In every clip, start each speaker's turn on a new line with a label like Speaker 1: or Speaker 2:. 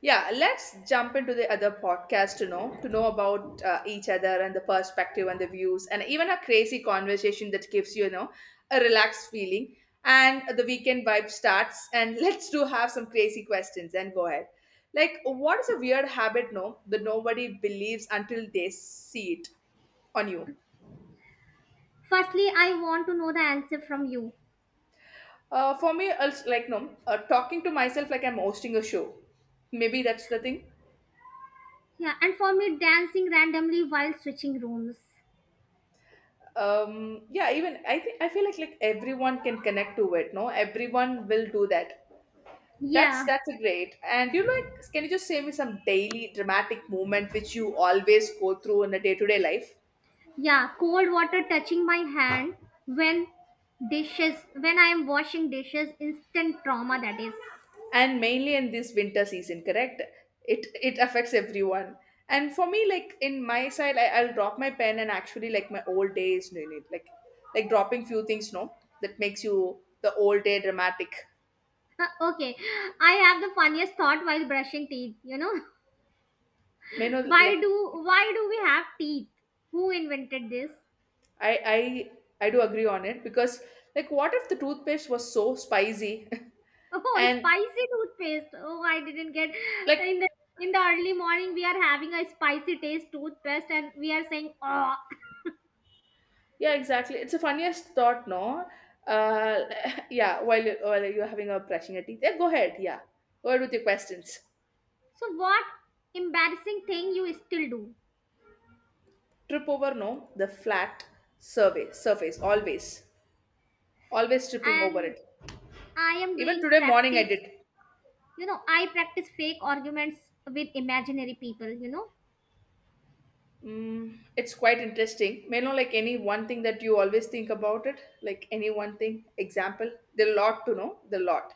Speaker 1: Yeah, let's jump into the other podcast to know about each other and the perspective and the views, and even a crazy conversation that gives you, you know a relaxed feeling and the weekend vibe starts, and let's do have some crazy questions and go ahead. Like, what is a weird habit no that nobody believes until they see it on you?
Speaker 2: Firstly, I want to know the answer from you.
Speaker 1: For me, it's like no, talking to myself like I'm hosting a show. Maybe that's the thing.
Speaker 2: Yeah, and for me, dancing randomly while switching rooms.
Speaker 1: Yeah, even I think I feel like everyone can connect to it, no, everyone will do that. that's
Speaker 2: Yeah,
Speaker 1: that's a great, and you know, like, can you just say me some daily dramatic moment which you always go through in a day-to-day life?
Speaker 2: yeah, cold water touching my hand when dishes, when I am washing dishes, instant trauma that is.
Speaker 1: And mainly in this winter season, correct? It affects everyone. And for me, like, in my side, I'll drop my pen and actually, like, my old days no need, like dropping few things no, that makes you the old day dramatic.
Speaker 2: Uh, okay, I have the funniest thought while brushing teeth.
Speaker 1: You know
Speaker 2: Why
Speaker 1: like,
Speaker 2: do why do we have teeth? Who invented this?
Speaker 1: I I do agree on it because, like, what if the toothpaste was so spicy?
Speaker 2: Oh,
Speaker 1: And
Speaker 2: spicy toothpaste. Oh, I didn't get
Speaker 1: like,
Speaker 2: in the in the early morning we are having a spicy taste toothpaste and we are saying oh.
Speaker 1: yeah exactly, it's the funniest thought no. uh yeah, while you, while you're having a brushing your teeth, yeah, go ahead, yeah, go ahead with your questions.
Speaker 2: So what embarrassing thing you still do?
Speaker 1: Trip over no the flat surface, always, always tripping over
Speaker 2: And
Speaker 1: it.
Speaker 2: I am
Speaker 1: Even
Speaker 2: doing
Speaker 1: today morning I
Speaker 2: practice.
Speaker 1: did.
Speaker 2: You know, I practice fake arguments with imaginary people.
Speaker 1: Mm, it's quite interesting, may know, like any one thing that you always think about it, like any one thing, example, the lot to know the lot.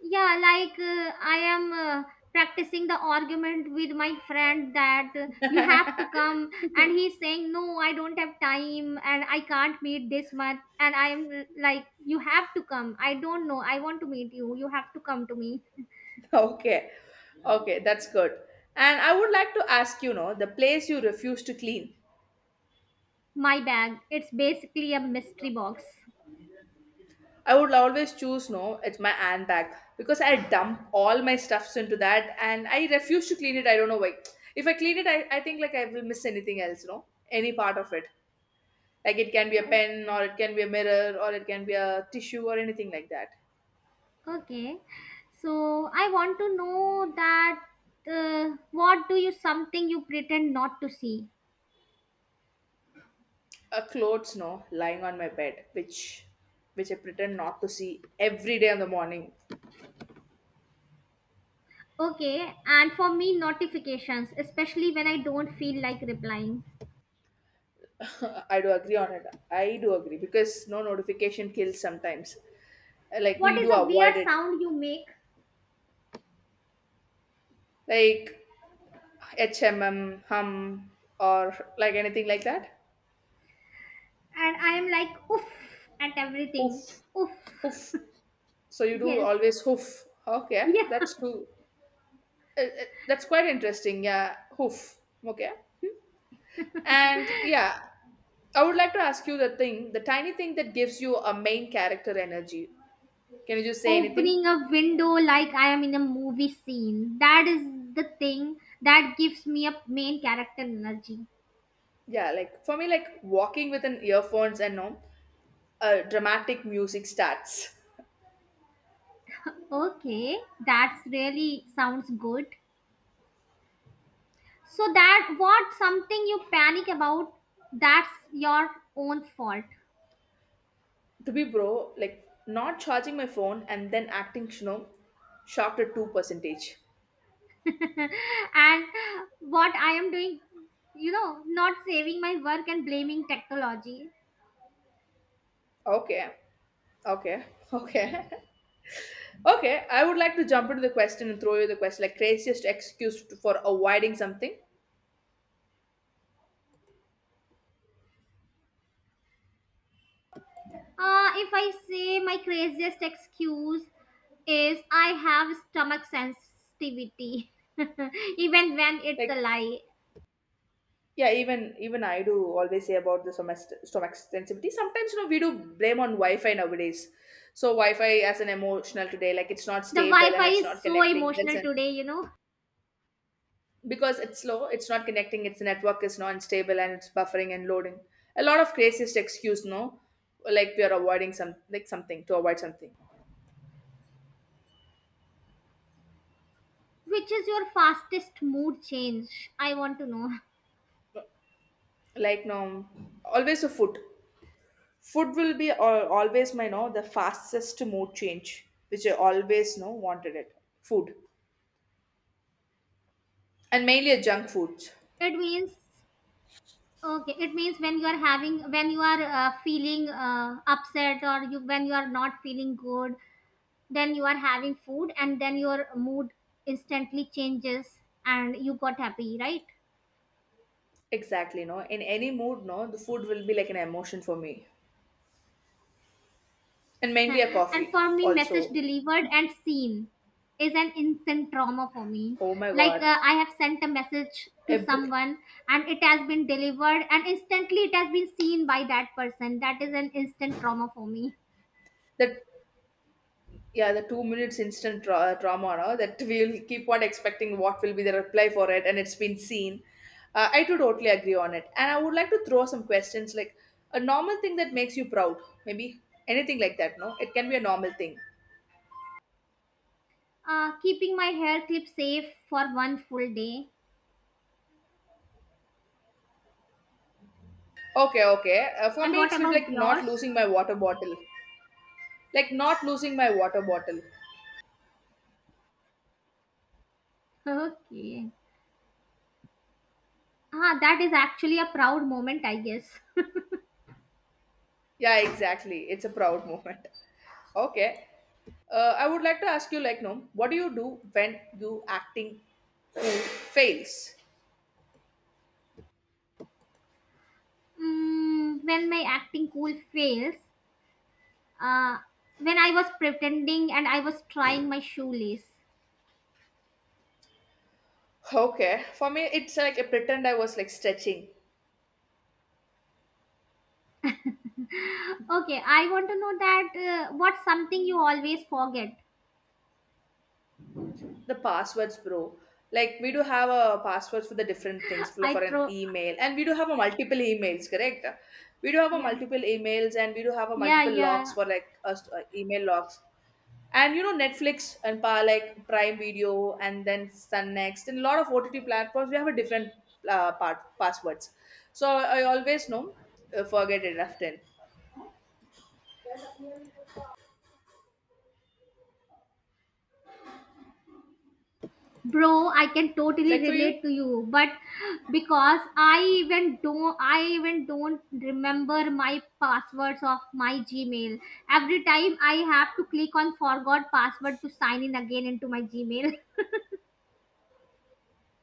Speaker 2: Yeah, like I am practicing the argument with my friend that you have to come, and he's saying, no, I don't have time and I can't meet this month. And I'm like, you have to come. I don't know. I want to meet you. You have to come to me.
Speaker 1: Okay, okay, that's good. And I would like to ask, you know, the place you refuse to clean.
Speaker 2: My bag. It's basically a mystery box.
Speaker 1: I would always choose, no, it's my handbag, because I dump all my stuffs into that and I refuse to clean it, I don't know why. If I clean it, I think like I will miss anything else, you know, any part of it, like it can be a
Speaker 2: O-
Speaker 1: pen, or it can be a mirror, or it can be a tissue, or anything like that.
Speaker 2: Okay. So I want to know that what do you something you pretend not to see?
Speaker 1: A clothes no lying on my bed, which I pretend not to see every day in the morning.
Speaker 2: Okay, and for me, notifications, especially when I don't feel like replying.
Speaker 1: I do agree on it. I do agree because no, notification kills sometimes. Like,
Speaker 2: What
Speaker 1: we
Speaker 2: is
Speaker 1: do
Speaker 2: a weird
Speaker 1: avoid it,
Speaker 2: sound you make?
Speaker 1: like, HMM, hum, or like anything like that.
Speaker 2: And I am like, oof, at everything.
Speaker 1: Hoof,
Speaker 2: Oof.
Speaker 1: hoof. So you do
Speaker 2: Yes.
Speaker 1: always hoof. Okay,
Speaker 2: Yeah.
Speaker 1: that's too. That's quite interesting. Yeah, hoof. Okay, and yeah, I would like to ask you the thing, the tiny thing that gives you a main character energy. Can you just say anything?
Speaker 2: Opening a window like I am in a movie scene. That is the thing that gives me a main character energy.
Speaker 1: Yeah, like for me, like walking with an earphones and no, dramatic music starts.
Speaker 2: Okay, that's really sounds good. So that what something you panic about, that's your own fault.
Speaker 1: To be bro, like not charging my phone and then acting, you know, shocked at two percentage.
Speaker 2: and what I am doing, not saving my work and blaming technology.
Speaker 1: Okay, okay, okay, okay. I would like to jump into the question and throw you the question, like craziest excuse for avoiding something.
Speaker 2: If I say my craziest excuse is I have stomach sensitivity, even when it's
Speaker 1: Like,
Speaker 2: a lie.
Speaker 1: yeah, even I do always say about the stomach sensitivity. Sometimes, you know, we do blame on Wi-Fi nowadays. So Wi-Fi as an emotional today, like it's not
Speaker 2: The Wi
Speaker 1: stable and
Speaker 2: Fi
Speaker 1: it's
Speaker 2: is
Speaker 1: not
Speaker 2: so
Speaker 1: connecting. There's
Speaker 2: emotional
Speaker 1: an,
Speaker 2: today.
Speaker 1: because it's slow, it's not connecting. Its network is non stable and it's buffering and loading. A lot of craziest excuse, no, like we are avoiding some, like, something to avoid something.
Speaker 2: Which is your fastest mood change? I want to know.
Speaker 1: Like no, always a food. Food will be always my no the fastest mood change, which I always no wanted it. Food, and mainly a junk food.
Speaker 2: It means, okay, it means when you are having, when you are feeling upset or you, when you are not feeling good then you are having food and then your mood instantly changes and you got happy right.
Speaker 1: Exactly, no. In any mood, no, the food will be like an emotion for me. And mainly a
Speaker 2: And
Speaker 1: coffee
Speaker 2: for me message
Speaker 1: also.
Speaker 2: delivered and seen is an instant trauma for me
Speaker 1: Oh my
Speaker 2: like
Speaker 1: god.
Speaker 2: I have sent a message to
Speaker 1: Every,
Speaker 2: someone and it has been delivered and instantly it has been seen by that person. That is an instant trauma for me.
Speaker 1: that yeah, the 2 minutes instant drama, no, that we'll keep on expecting what will be the reply for it, and it's been seen. I too totally agree on it. And I would like to throw some questions like a normal thing that makes you proud, maybe anything like that, no? It can be a normal thing.
Speaker 2: Keeping my hair clip safe for one full day.
Speaker 1: Okay, okay. For
Speaker 2: And
Speaker 1: me,
Speaker 2: what
Speaker 1: it's
Speaker 2: about
Speaker 1: like not
Speaker 2: yours?
Speaker 1: losing my water bottle. Like not losing my water bottle.
Speaker 2: Okay, ah that is actually a proud moment I guess.
Speaker 1: Yeah, exactly. It's a proud moment. Okay. I would like to ask you, like, no, what do you do when you acting pool fails?
Speaker 2: Mm, when my acting cool fails, uh, when I was pretending and I was trying my shoelace.
Speaker 1: Okay. For me, it's like I pretend I was like stretching
Speaker 2: Okay, I want to know that what's something you always forget?
Speaker 1: the passwords, bro. Like, we do have a passwords for the different things,
Speaker 2: I
Speaker 1: for an
Speaker 2: throw,
Speaker 1: email, and we do have a multiple emails, correct? We do have a
Speaker 2: yeah,
Speaker 1: multiple emails, and we do have a
Speaker 2: yeah,
Speaker 1: multiple logs
Speaker 2: yeah.
Speaker 1: for like us email logs. And you know, Netflix and like Prime Video, and then Sun Next, and a lot of OTT platforms, we have a different part passwords, so I always know, forget it often.
Speaker 2: Bro, I can totally
Speaker 1: Like for you,
Speaker 2: relate to you, but because I even don't remember my passwords of my Gmail. Every time I have to click on forgot password to sign in again into my Gmail.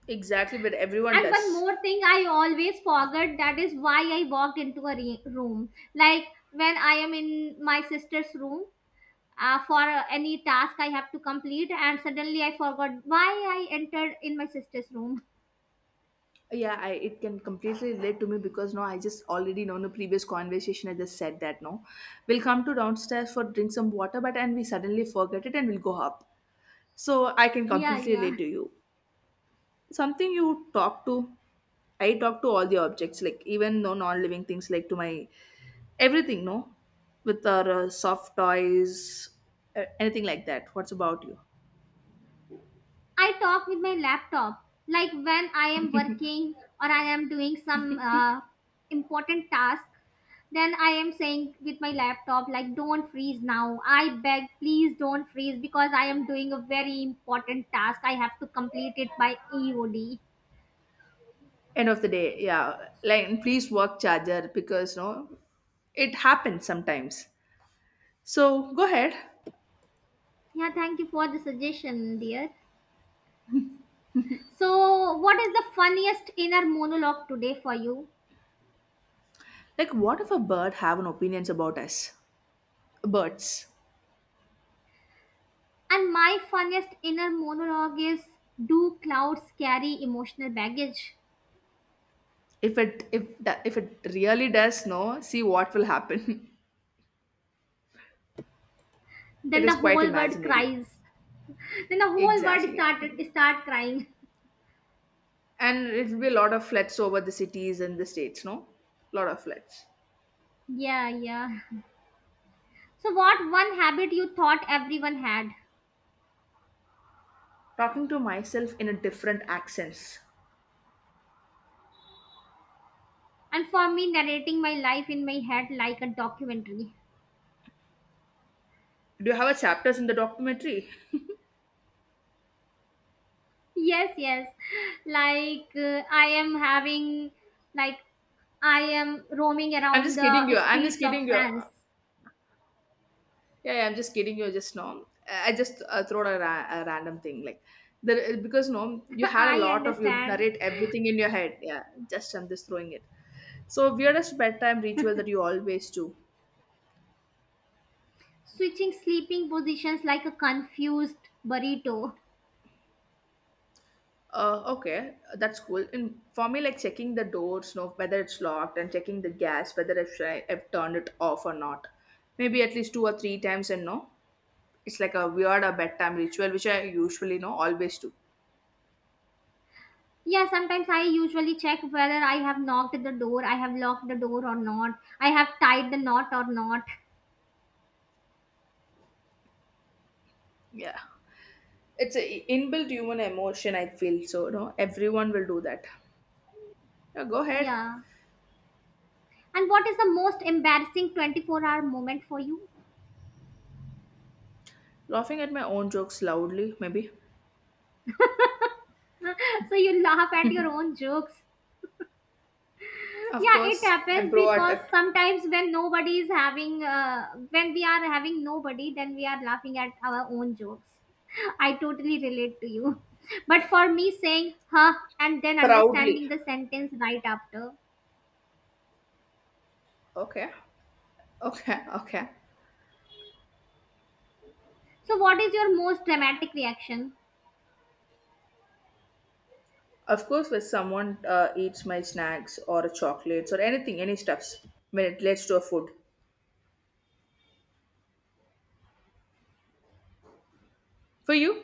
Speaker 1: exactly, but everyone
Speaker 2: And one
Speaker 1: does.
Speaker 2: more thing I always forget, that is why I walked into a room. Like when I am in my sister's room for any task I have to complete, and suddenly I forgot why I entered in my sister's room.
Speaker 1: Yeah, it can completely relate to me because no, I just already know in the previous conversation I just said that no, we'll come to downstairs for drink some water but, and we suddenly forget it and we'll go up, so I can
Speaker 2: Yeah,
Speaker 1: completely
Speaker 2: yeah.
Speaker 1: relate to you. Something you talk to. I talk to all the objects, like even no non-living things, like to my everything, no, with our soft toys, anything like that. What's about you?
Speaker 2: I talk with my laptop, like when I am working or I am doing some important task. Then I am saying with my laptop, like, don't freeze now. I beg, please don't freeze because I am doing a very important task. I have to complete it by EOD.
Speaker 1: End of the day, yeah. Like, and please work charger because no, it happens sometimes. So go ahead.
Speaker 2: Yeah, thank you for the suggestion, dear. So, what is the funniest inner monologue today for you?
Speaker 1: Like, what if a bird have an opinions about us birds?
Speaker 2: And my funniest inner monologue is, do clouds carry emotional baggage?
Speaker 1: If it, if that, if it really does, no, see what will happen.
Speaker 2: Then
Speaker 1: It
Speaker 2: the
Speaker 1: is quite
Speaker 2: whole world
Speaker 1: imaginary.
Speaker 2: cries. Then the whole world
Speaker 1: Exactly.
Speaker 2: started start crying.
Speaker 1: And it'll be a lot of flats over the cities and the states, no? Lot of flats.
Speaker 2: Yeah, yeah. So what one habit you thought everyone had?
Speaker 1: Talking to myself in a different accents.
Speaker 2: And for me, narrating my life in my head like a documentary.
Speaker 1: Do you have a chapters in the documentary?
Speaker 2: Yes, yes. Like I am having, like I am roaming
Speaker 1: I'm
Speaker 2: around
Speaker 1: just kidding
Speaker 2: the
Speaker 1: you. I'm just
Speaker 2: streets of
Speaker 1: kidding you.
Speaker 2: France.
Speaker 1: Yeah, yeah, I'm just kidding you. Just no. I just throw a, a random thing like there because no, you had a
Speaker 2: I
Speaker 1: lot of, you
Speaker 2: understand.
Speaker 1: narrate everything in your head. Yeah, just I'm just throwing it. So weirdest bedtime ritual that you always do.
Speaker 2: Switching sleeping positions like a confused burrito.
Speaker 1: Okay, that's cool. And for me, like checking the doors, know whether it's locked, and checking the gas, whether I've, I've turned it off or not. Maybe at least 2 or 3 times, and no, it's like a weird or bedtime ritual, which I usually know always do.
Speaker 2: Yeah, sometimes I usually check whether I have knocked the door, I have locked the door or not, I have tied the knot or not.
Speaker 1: Yeah, it's a inbuilt human emotion. I feel so. No, everyone will do that. Yeah, go ahead,
Speaker 2: Yeah. And what is the most embarrassing 24-hour moment for you?
Speaker 1: laughing at my own jokes loudly. Maybe,
Speaker 2: So you laugh at your own jokes.
Speaker 1: of
Speaker 2: Yeah, it
Speaker 1: course, I'm
Speaker 2: happens
Speaker 1: pro at
Speaker 2: because
Speaker 1: it,
Speaker 2: sometimes when nobody is having, when we are having nobody, then we are laughing at our own jokes. I totally relate to you. But for me, saying huh and then
Speaker 1: proudly.
Speaker 2: understanding the sentence right after.
Speaker 1: Okay, okay, okay.
Speaker 2: So, what is your most dramatic reaction?
Speaker 1: Of course, when someone eats my snacks or chocolates or anything, any stuffs, when it relates to a food. For you?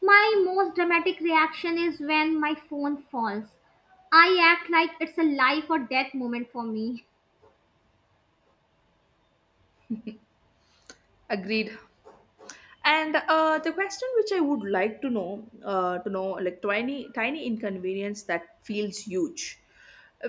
Speaker 2: My most dramatic reaction is when my phone falls. I act like it's a life or death moment for me.
Speaker 1: Agreed. And the question which I would like to know, to know, like, tiny tiny inconvenience that feels huge.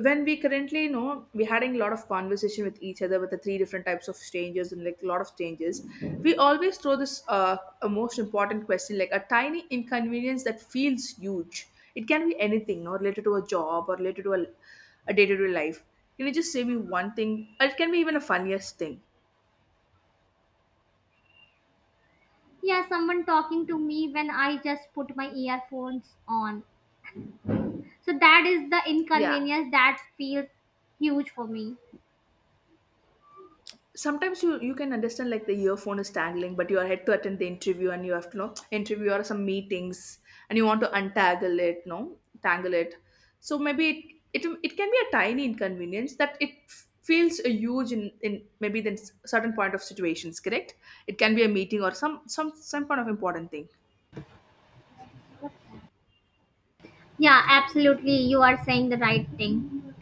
Speaker 1: When we currently, you know, we're having a lot of conversation with each other with the three different types of strangers and like a lot of changes, we always throw this a most important question, like a tiny inconvenience that feels huge. It can be anything, no, related to a job or related to a day-to-day life. Can you just say me one thing? It can be even a funniest thing.
Speaker 2: Yeah, someone talking to me when I just put my earphones on. So, that is the
Speaker 1: Yeah,
Speaker 2: inconvenience that feels huge for me.
Speaker 1: sometimes you can understand, like the earphone is tangling but you are had to attend the interview and you have to know interview or some meetings, and you want to untangle it no, tangle it. So maybe it can be a tiny inconvenience that it feels a huge in maybe the certain point of situations, correct? It can be a meeting or some, some kind of important thing.
Speaker 2: Yeah, absolutely. You are saying the right thing.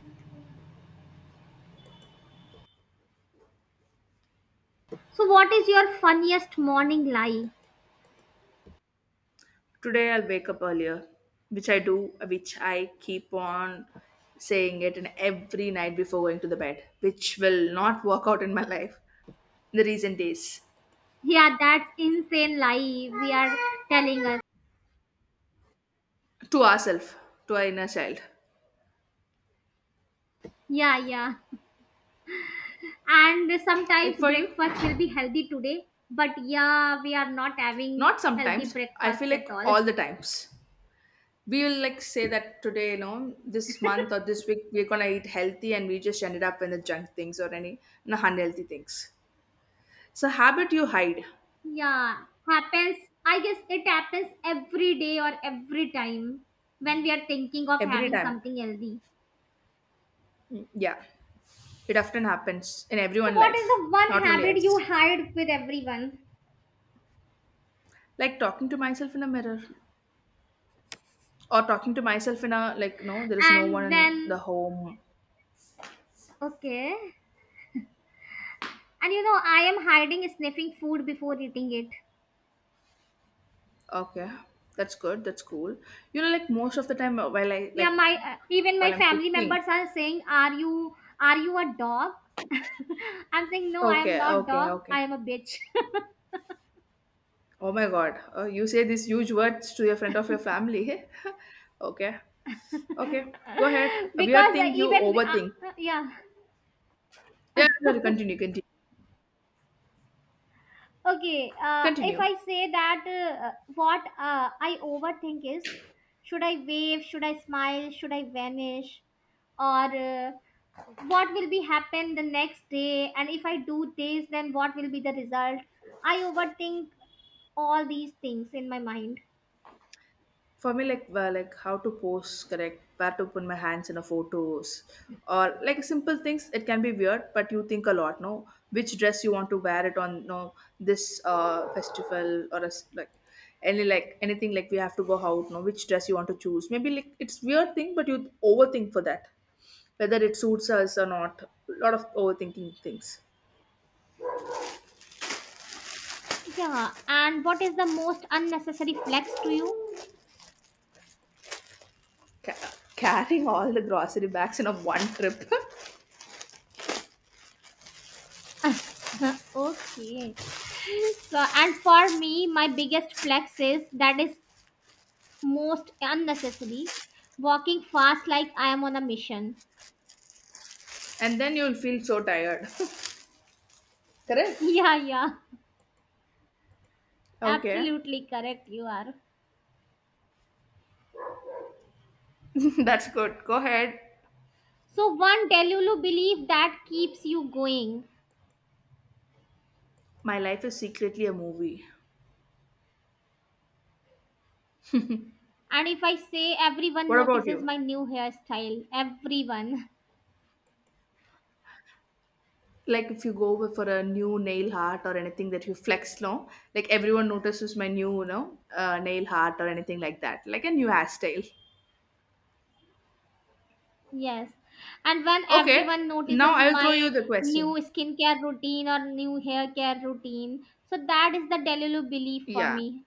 Speaker 2: So, what is your funniest morning lie?
Speaker 1: Today I'll wake up earlier, which I do, which I keep on saying it, and every night before going to the bed, which will not work out in my life in the recent days.
Speaker 2: Yeah, that's insane lie we are telling us.
Speaker 1: To ourselves, to our inner child.
Speaker 2: Yeah, yeah. And sometimes
Speaker 1: Like for you,
Speaker 2: breakfast will be healthy today, but yeah we are not having
Speaker 1: not
Speaker 2: healthy
Speaker 1: sometimes. I
Speaker 2: breakfast
Speaker 1: feel
Speaker 2: at
Speaker 1: like
Speaker 2: all.
Speaker 1: all the times. We will like say that today, you know, this month or this week, we're gonna eat healthy, and we just ended up in the junk things or any, you know, unhealthy things. So habit you hide
Speaker 2: Yeah, happens, I guess it happens every day or every time when we are thinking of
Speaker 1: every
Speaker 2: having
Speaker 1: time.
Speaker 2: something healthy.
Speaker 1: Mm, yeah, it often happens in
Speaker 2: So,
Speaker 1: everyone's
Speaker 2: what is
Speaker 1: life,
Speaker 2: the one
Speaker 1: not only
Speaker 2: habit you
Speaker 1: us.
Speaker 2: hide with everyone?
Speaker 1: Like talking to myself in a mirror, or talking to myself in a, like, no, there is no one
Speaker 2: And
Speaker 1: in the
Speaker 2: then
Speaker 1: home.
Speaker 2: okay, and I am hiding sniffing food before eating it.
Speaker 1: Okay, that's good. That's cool. You know, like most of the time while I
Speaker 2: Yeah,
Speaker 1: like
Speaker 2: my even my
Speaker 1: while I'm
Speaker 2: family
Speaker 1: cooking.
Speaker 2: members are saying, are you, are you a dog? I'm saying no, I am
Speaker 1: Okay,
Speaker 2: not
Speaker 1: okay,
Speaker 2: dog.
Speaker 1: okay.
Speaker 2: I am a bitch.
Speaker 1: Oh my God, you say these huge words to your friend of your family. Okay, okay. Go ahead. A weird
Speaker 2: Because
Speaker 1: thing you
Speaker 2: even
Speaker 1: overthink.
Speaker 2: yeah.
Speaker 1: Yeah, sorry. Continue, continue,
Speaker 2: Okay, if
Speaker 1: continue.
Speaker 2: I say that what I overthink is, should I wave, should I smile, should I vanish, or uh, what will be happen the next day, and if I do this then what will be the result? I overthink all these things in my mind.
Speaker 1: For me, like well, like how to pose correct, where to put my hands in a photos, or like simple things, it can be weird but you think a lot, no? Which dress you want to wear it on, no, this festival, or as like any, like anything, like we have to go out, no? Which dress you want to choose, maybe like it's weird thing, but you overthink for that, whether it suits us or not. A lot of overthinking things.
Speaker 2: Yeah, and what is the most unnecessary flex to you?
Speaker 1: Carrying all the grocery bags in a one trip.
Speaker 2: Okay, so and for me my biggest flex, is that is most unnecessary, walking fast like I am on a mission.
Speaker 1: And then you'll feel so tired. Correct.
Speaker 2: Yeah, yeah,
Speaker 1: Okay.
Speaker 2: absolutely correct you are.
Speaker 1: That's good. Go ahead.
Speaker 2: So one delulu belief that keeps you going,
Speaker 1: My life is secretly a movie.
Speaker 2: and if I say everyone
Speaker 1: What about
Speaker 2: notices
Speaker 1: you?
Speaker 2: my new hairstyle, everyone.
Speaker 1: Like if you go for a new nail art or anything that you flex, no? Like everyone notices my new, nail art or anything like that. Like a new hairstyle.
Speaker 2: Yes. And when
Speaker 1: Okay.
Speaker 2: everyone
Speaker 1: Now
Speaker 2: notices
Speaker 1: I'll throw you
Speaker 2: my
Speaker 1: the
Speaker 2: new
Speaker 1: question.
Speaker 2: skincare routine or new hair care routine, so that is the Delulu belief for
Speaker 1: Yeah.
Speaker 2: me.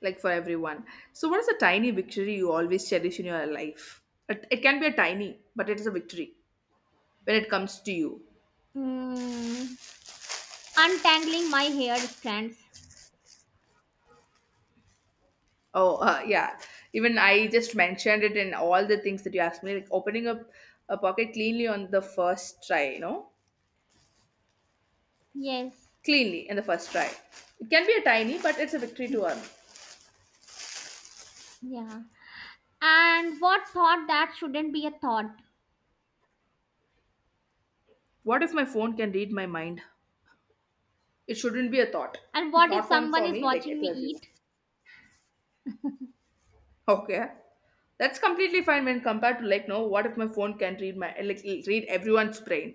Speaker 1: Like for everyone. So what is a tiny victory you always cherish in your life? It can be a tiny, but it is a victory when it comes to you.
Speaker 2: Mm, untangling my hair strands.
Speaker 1: Oh, yeah. Even I just mentioned it in all the things that you asked me, like opening up a pocket cleanly on the first try, you know?
Speaker 2: Yes.
Speaker 1: Cleanly in the first try. It can be a tiny, but it's a victory to earn.
Speaker 2: Yeah. And what thought that shouldn't be a thought?
Speaker 1: What if my phone can read my mind? It shouldn't be a thought.
Speaker 2: And what if
Speaker 1: Not one
Speaker 2: someone
Speaker 1: for
Speaker 2: is
Speaker 1: me, like
Speaker 2: watching me
Speaker 1: to everyone.
Speaker 2: eat?
Speaker 1: Okay. That's completely fine when compared to, like, no, what if my phone can read my, like, read everyone's brain?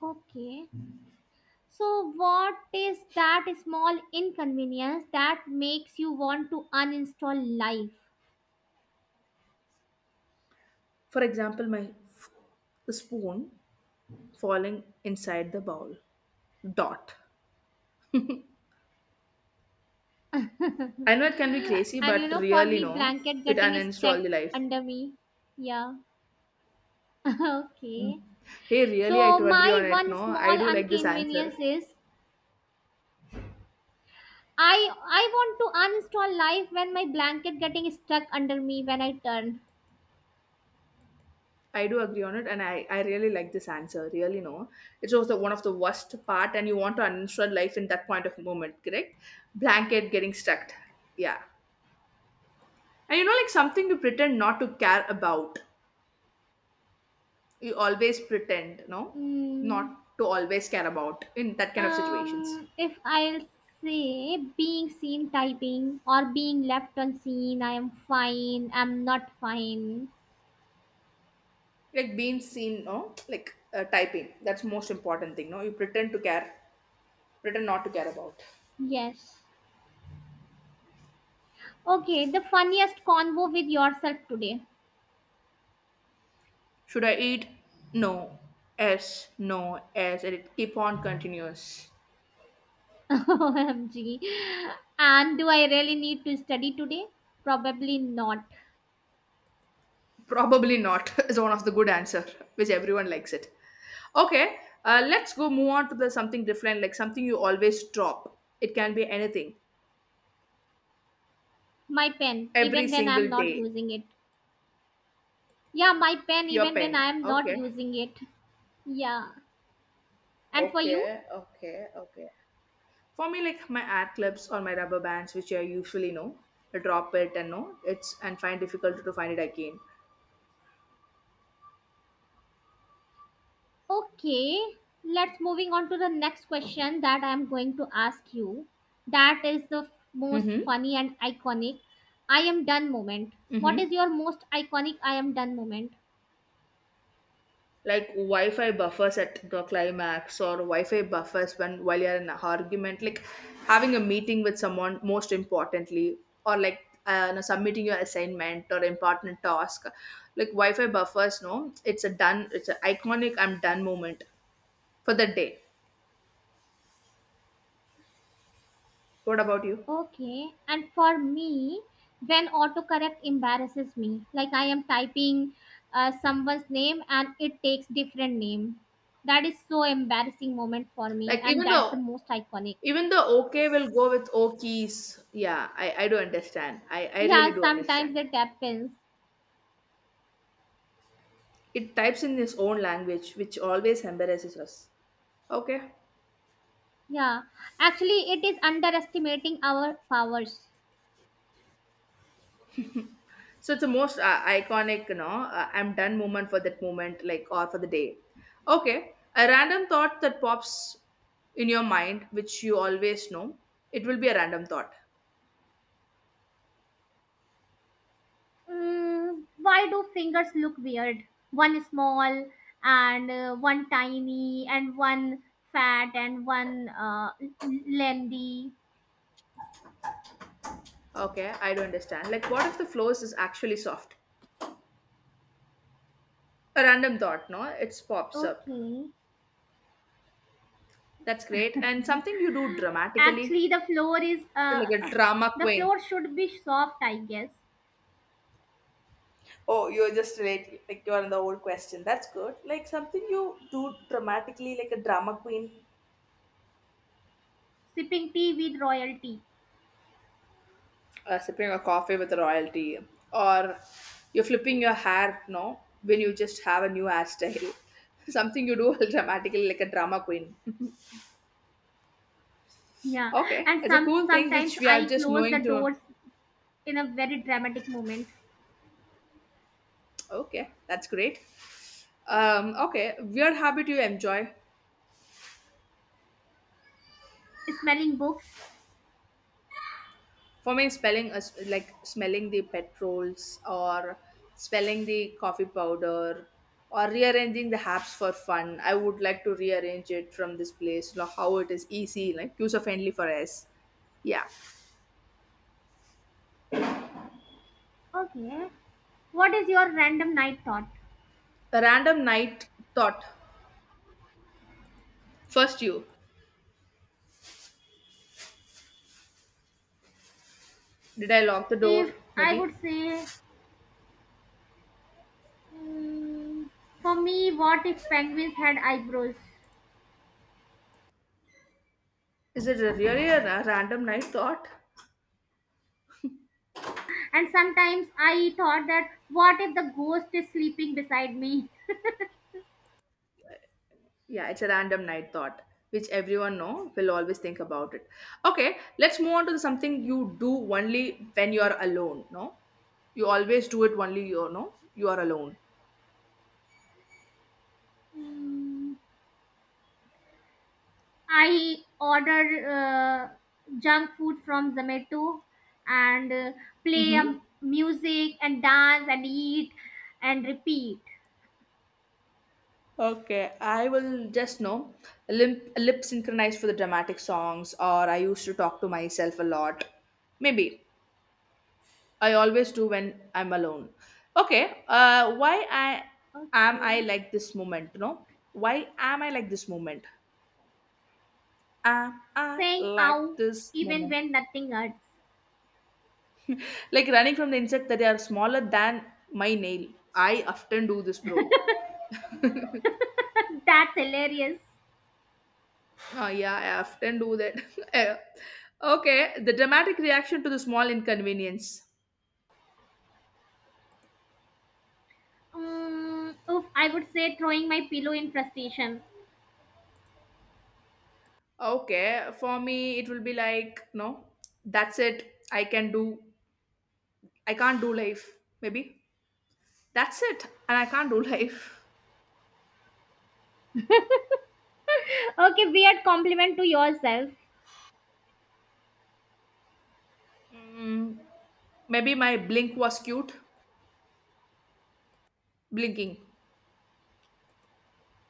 Speaker 2: Okay. So, what is that small inconvenience that makes you want to uninstall life?
Speaker 1: For example, my, the spoon falling inside the bowl. Dot. I know it can be crazy,
Speaker 2: And
Speaker 1: but
Speaker 2: for
Speaker 1: really,
Speaker 2: me,
Speaker 1: no,
Speaker 2: blanket
Speaker 1: it
Speaker 2: getting stuck
Speaker 1: uninstall the life.
Speaker 2: under me. Yeah. Okay.
Speaker 1: Hey, really, I
Speaker 2: So
Speaker 1: do agree on
Speaker 2: my
Speaker 1: it.
Speaker 2: one
Speaker 1: No, I
Speaker 2: small
Speaker 1: do like this answer.
Speaker 2: inconvenience is, I want to uninstall live when my blanket getting stuck under me when I turn.
Speaker 1: I do agree on it, and I really like this answer. Really, no, it was the one of the worst part, and you want to uninstall life in that point of moment, correct? Blanket getting stuck. Yeah, and like something you pretend not to care about. You always pretend, no,
Speaker 2: Mm,
Speaker 1: not to always care about in that kind of situations.
Speaker 2: if I'll say being seen typing or being left unseen, I am fine. I'm not fine.
Speaker 1: Like being seen, no, like typing, that's most important thing, no, you pretend to care, pretend not to care about.
Speaker 2: Yes. Okay. The funniest convo with yourself today.
Speaker 1: Should I eat? No. Yes. No. Yes. And it keep on continuous.
Speaker 2: OMG. And do I really need to study today? Probably not.
Speaker 1: Probably not. Is one of the good answer which everyone likes it. Okay. Let's go move on to the something different, like something you always drop, it can be anything.
Speaker 2: My pen,
Speaker 1: Every
Speaker 2: even when I'm
Speaker 1: single
Speaker 2: not
Speaker 1: day.
Speaker 2: using it. Yeah, my pen,
Speaker 1: Your
Speaker 2: even when
Speaker 1: pen.
Speaker 2: I'm not
Speaker 1: Okay,
Speaker 2: using it. Yeah. And for you?
Speaker 1: okay, okay, okay. For me, like my ad clips or my rubber bands, which I usually know, I drop it and know it's and find difficult to find it again.
Speaker 2: Okay. Let's moving on to the next question that I'm going to ask you. That is the most
Speaker 1: Mm-hmm.
Speaker 2: funny and iconic I am done moment. What
Speaker 1: Mm-hmm.
Speaker 2: is your most iconic I am done moment?
Speaker 1: Like Wi-Fi buffers at the climax, or Wi-Fi buffers when while you're in an argument, like having a meeting with someone most importantly, or like submitting your assignment or important task. Like Wi-Fi buffers, no, it's a done, it's an iconic I'm done moment for the day. What about you?
Speaker 2: Okay. And for me, when autocorrect embarrasses me, like I am typing someone's name and it takes different name. That is so embarrassing moment for me
Speaker 1: Like
Speaker 2: and
Speaker 1: even
Speaker 2: that's
Speaker 1: though,
Speaker 2: the most iconic.
Speaker 1: even the okay will go with okies. Yeah, I do understand. I really
Speaker 2: Yeah,
Speaker 1: do
Speaker 2: sometimes
Speaker 1: understand.
Speaker 2: it happens.
Speaker 1: It types in its own language, which always embarrasses us. Okay.
Speaker 2: Yeah. Actually, it is underestimating our powers.
Speaker 1: So it's the most iconic, I'm done moment for that moment, like, or for the day. Okay. A random thought that pops in your mind, which you always know, it will be a random thought.
Speaker 2: Mm, why do fingers look weird? One small and one tiny and one fat and one lengthy.
Speaker 1: Okay, I do understand. Like, what if the floors is actually soft? A random thought, no? It pops up.
Speaker 2: Okay.
Speaker 1: That's great. And something you do dramatically.
Speaker 2: Actually, the floor is
Speaker 1: Like a drama
Speaker 2: the
Speaker 1: queen.
Speaker 2: floor should be soft, I guess.
Speaker 1: Oh, you're just late. Like you're in the old question. That's good. Like something you do dramatically, like a drama queen.
Speaker 2: Sipping tea with royalty.
Speaker 1: Sipping a coffee with royalty, or you're flipping your hair, no, when you just have a new hairstyle. Something you do dramatically, like a drama queen.
Speaker 2: Yeah,
Speaker 1: Okay,
Speaker 2: and
Speaker 1: it's a cool thing
Speaker 2: sometimes
Speaker 1: which we are
Speaker 2: I
Speaker 1: just
Speaker 2: close the
Speaker 1: knowing to.
Speaker 2: doors in a very dramatic moment.
Speaker 1: Okay, that's great. Okay, weird habit you enjoy.
Speaker 2: Smelling books.
Speaker 1: For me, spelling is like smelling the petrols, or spelling the coffee powder, or rearranging the apps for fun. I would like to rearrange it from this place, like how it is easy, like user friendly for us. Yeah.
Speaker 2: Okay. What is your random night thought?
Speaker 1: A random night thought. First, you. Did I lock the
Speaker 2: If
Speaker 1: door?
Speaker 2: I
Speaker 1: Maybe.
Speaker 2: would say, mm, for me, what if penguins had eyebrows?
Speaker 1: Is it a really a random night thought?
Speaker 2: And sometimes I thought that, what if the ghost is sleeping beside me?
Speaker 1: Yeah, it's a random night thought, which everyone know will always think about it. Okay, let's move on to something
Speaker 2: Yes.
Speaker 1: you do only when you are alone. No, you always do it only. You know you are alone.
Speaker 2: Mm, I order junk food from Zomato and play
Speaker 1: Mm-hmm.
Speaker 2: music and dance and eat and repeat.
Speaker 1: Okay, I will just know lip synchronize for the dramatic songs, or I used to talk to myself a lot. Maybe I always do when I'm alone. Okay, why I am I
Speaker 2: Okay.
Speaker 1: like this moment? No, why am I like this moment? Am I
Speaker 2: Saying
Speaker 1: like
Speaker 2: ow
Speaker 1: this
Speaker 2: even
Speaker 1: moment?
Speaker 2: when nothing hurts.
Speaker 1: Like running from the insect that they are smaller than my nail. I often do this, bro.
Speaker 2: That's hilarious.
Speaker 1: Oh, yeah, I often do that. Yeah. Okay, the dramatic reaction to the small inconvenience.
Speaker 2: Mm, oof, I would say throwing my pillow in frustration.
Speaker 1: Okay, for me, it will be like, no, that's it. I can't do life. Maybe that's it, and I can't do life.
Speaker 2: Okay, weird compliment to yourself.
Speaker 1: Mm, maybe my blink was cute, blinking.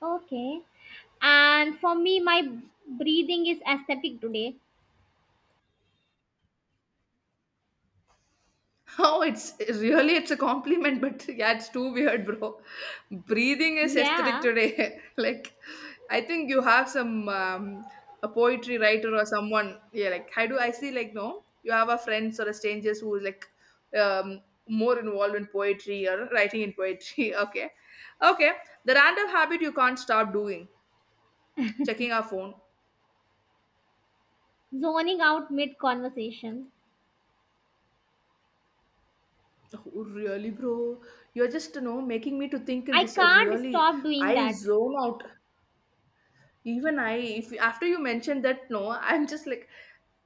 Speaker 2: Okay. And for me, my breathing is aesthetic today.
Speaker 1: Oh, it's really, it's a compliment, but yeah, it's too weird, bro. Breathing is aesthetic
Speaker 2: Yeah.
Speaker 1: today. Like, I think you have some a poetry writer or someone. Yeah, like I do. I see like no, you have a friends or a strangers who is like um, more involved in poetry or writing in poetry. Okay, okay. The random habit you can't stop doing: checking our phone.
Speaker 2: Zoning out mid conversation.
Speaker 1: Oh, really, bro? You're just making me to think in
Speaker 2: I
Speaker 1: this
Speaker 2: can't
Speaker 1: really.
Speaker 2: stop doing
Speaker 1: I
Speaker 2: that.
Speaker 1: zone out. Even I, if after you mentioned that, no, I'm just like,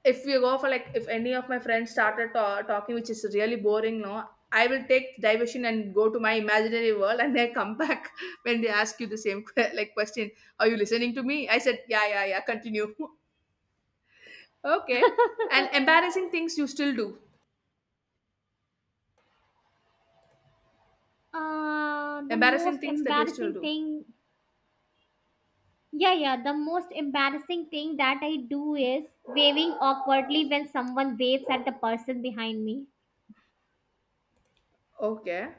Speaker 1: if we go for like, if any of my friends started talking, which is really boring, no, I will take diversion and go to my imaginary world, and I come back when they ask you the same like question. Are you listening to me? I said, yeah, yeah, yeah. Continue. Okay. And embarrassing things you still do.
Speaker 2: The
Speaker 1: Embarrassing
Speaker 2: most
Speaker 1: things that you still
Speaker 2: embarrassing
Speaker 1: do.
Speaker 2: thing, yeah, yeah, the most embarrassing thing that I do is waving awkwardly when someone waves at the person behind me.
Speaker 1: Okay.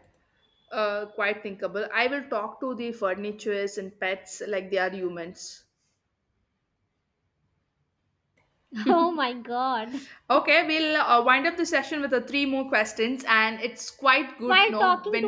Speaker 1: Quite thinkable. I will talk to the furnitures and pets like they are humans.
Speaker 2: Oh my god.
Speaker 1: Okay, we'll wind up the session with three more questions, and it's quite good,
Speaker 2: While talking
Speaker 1: when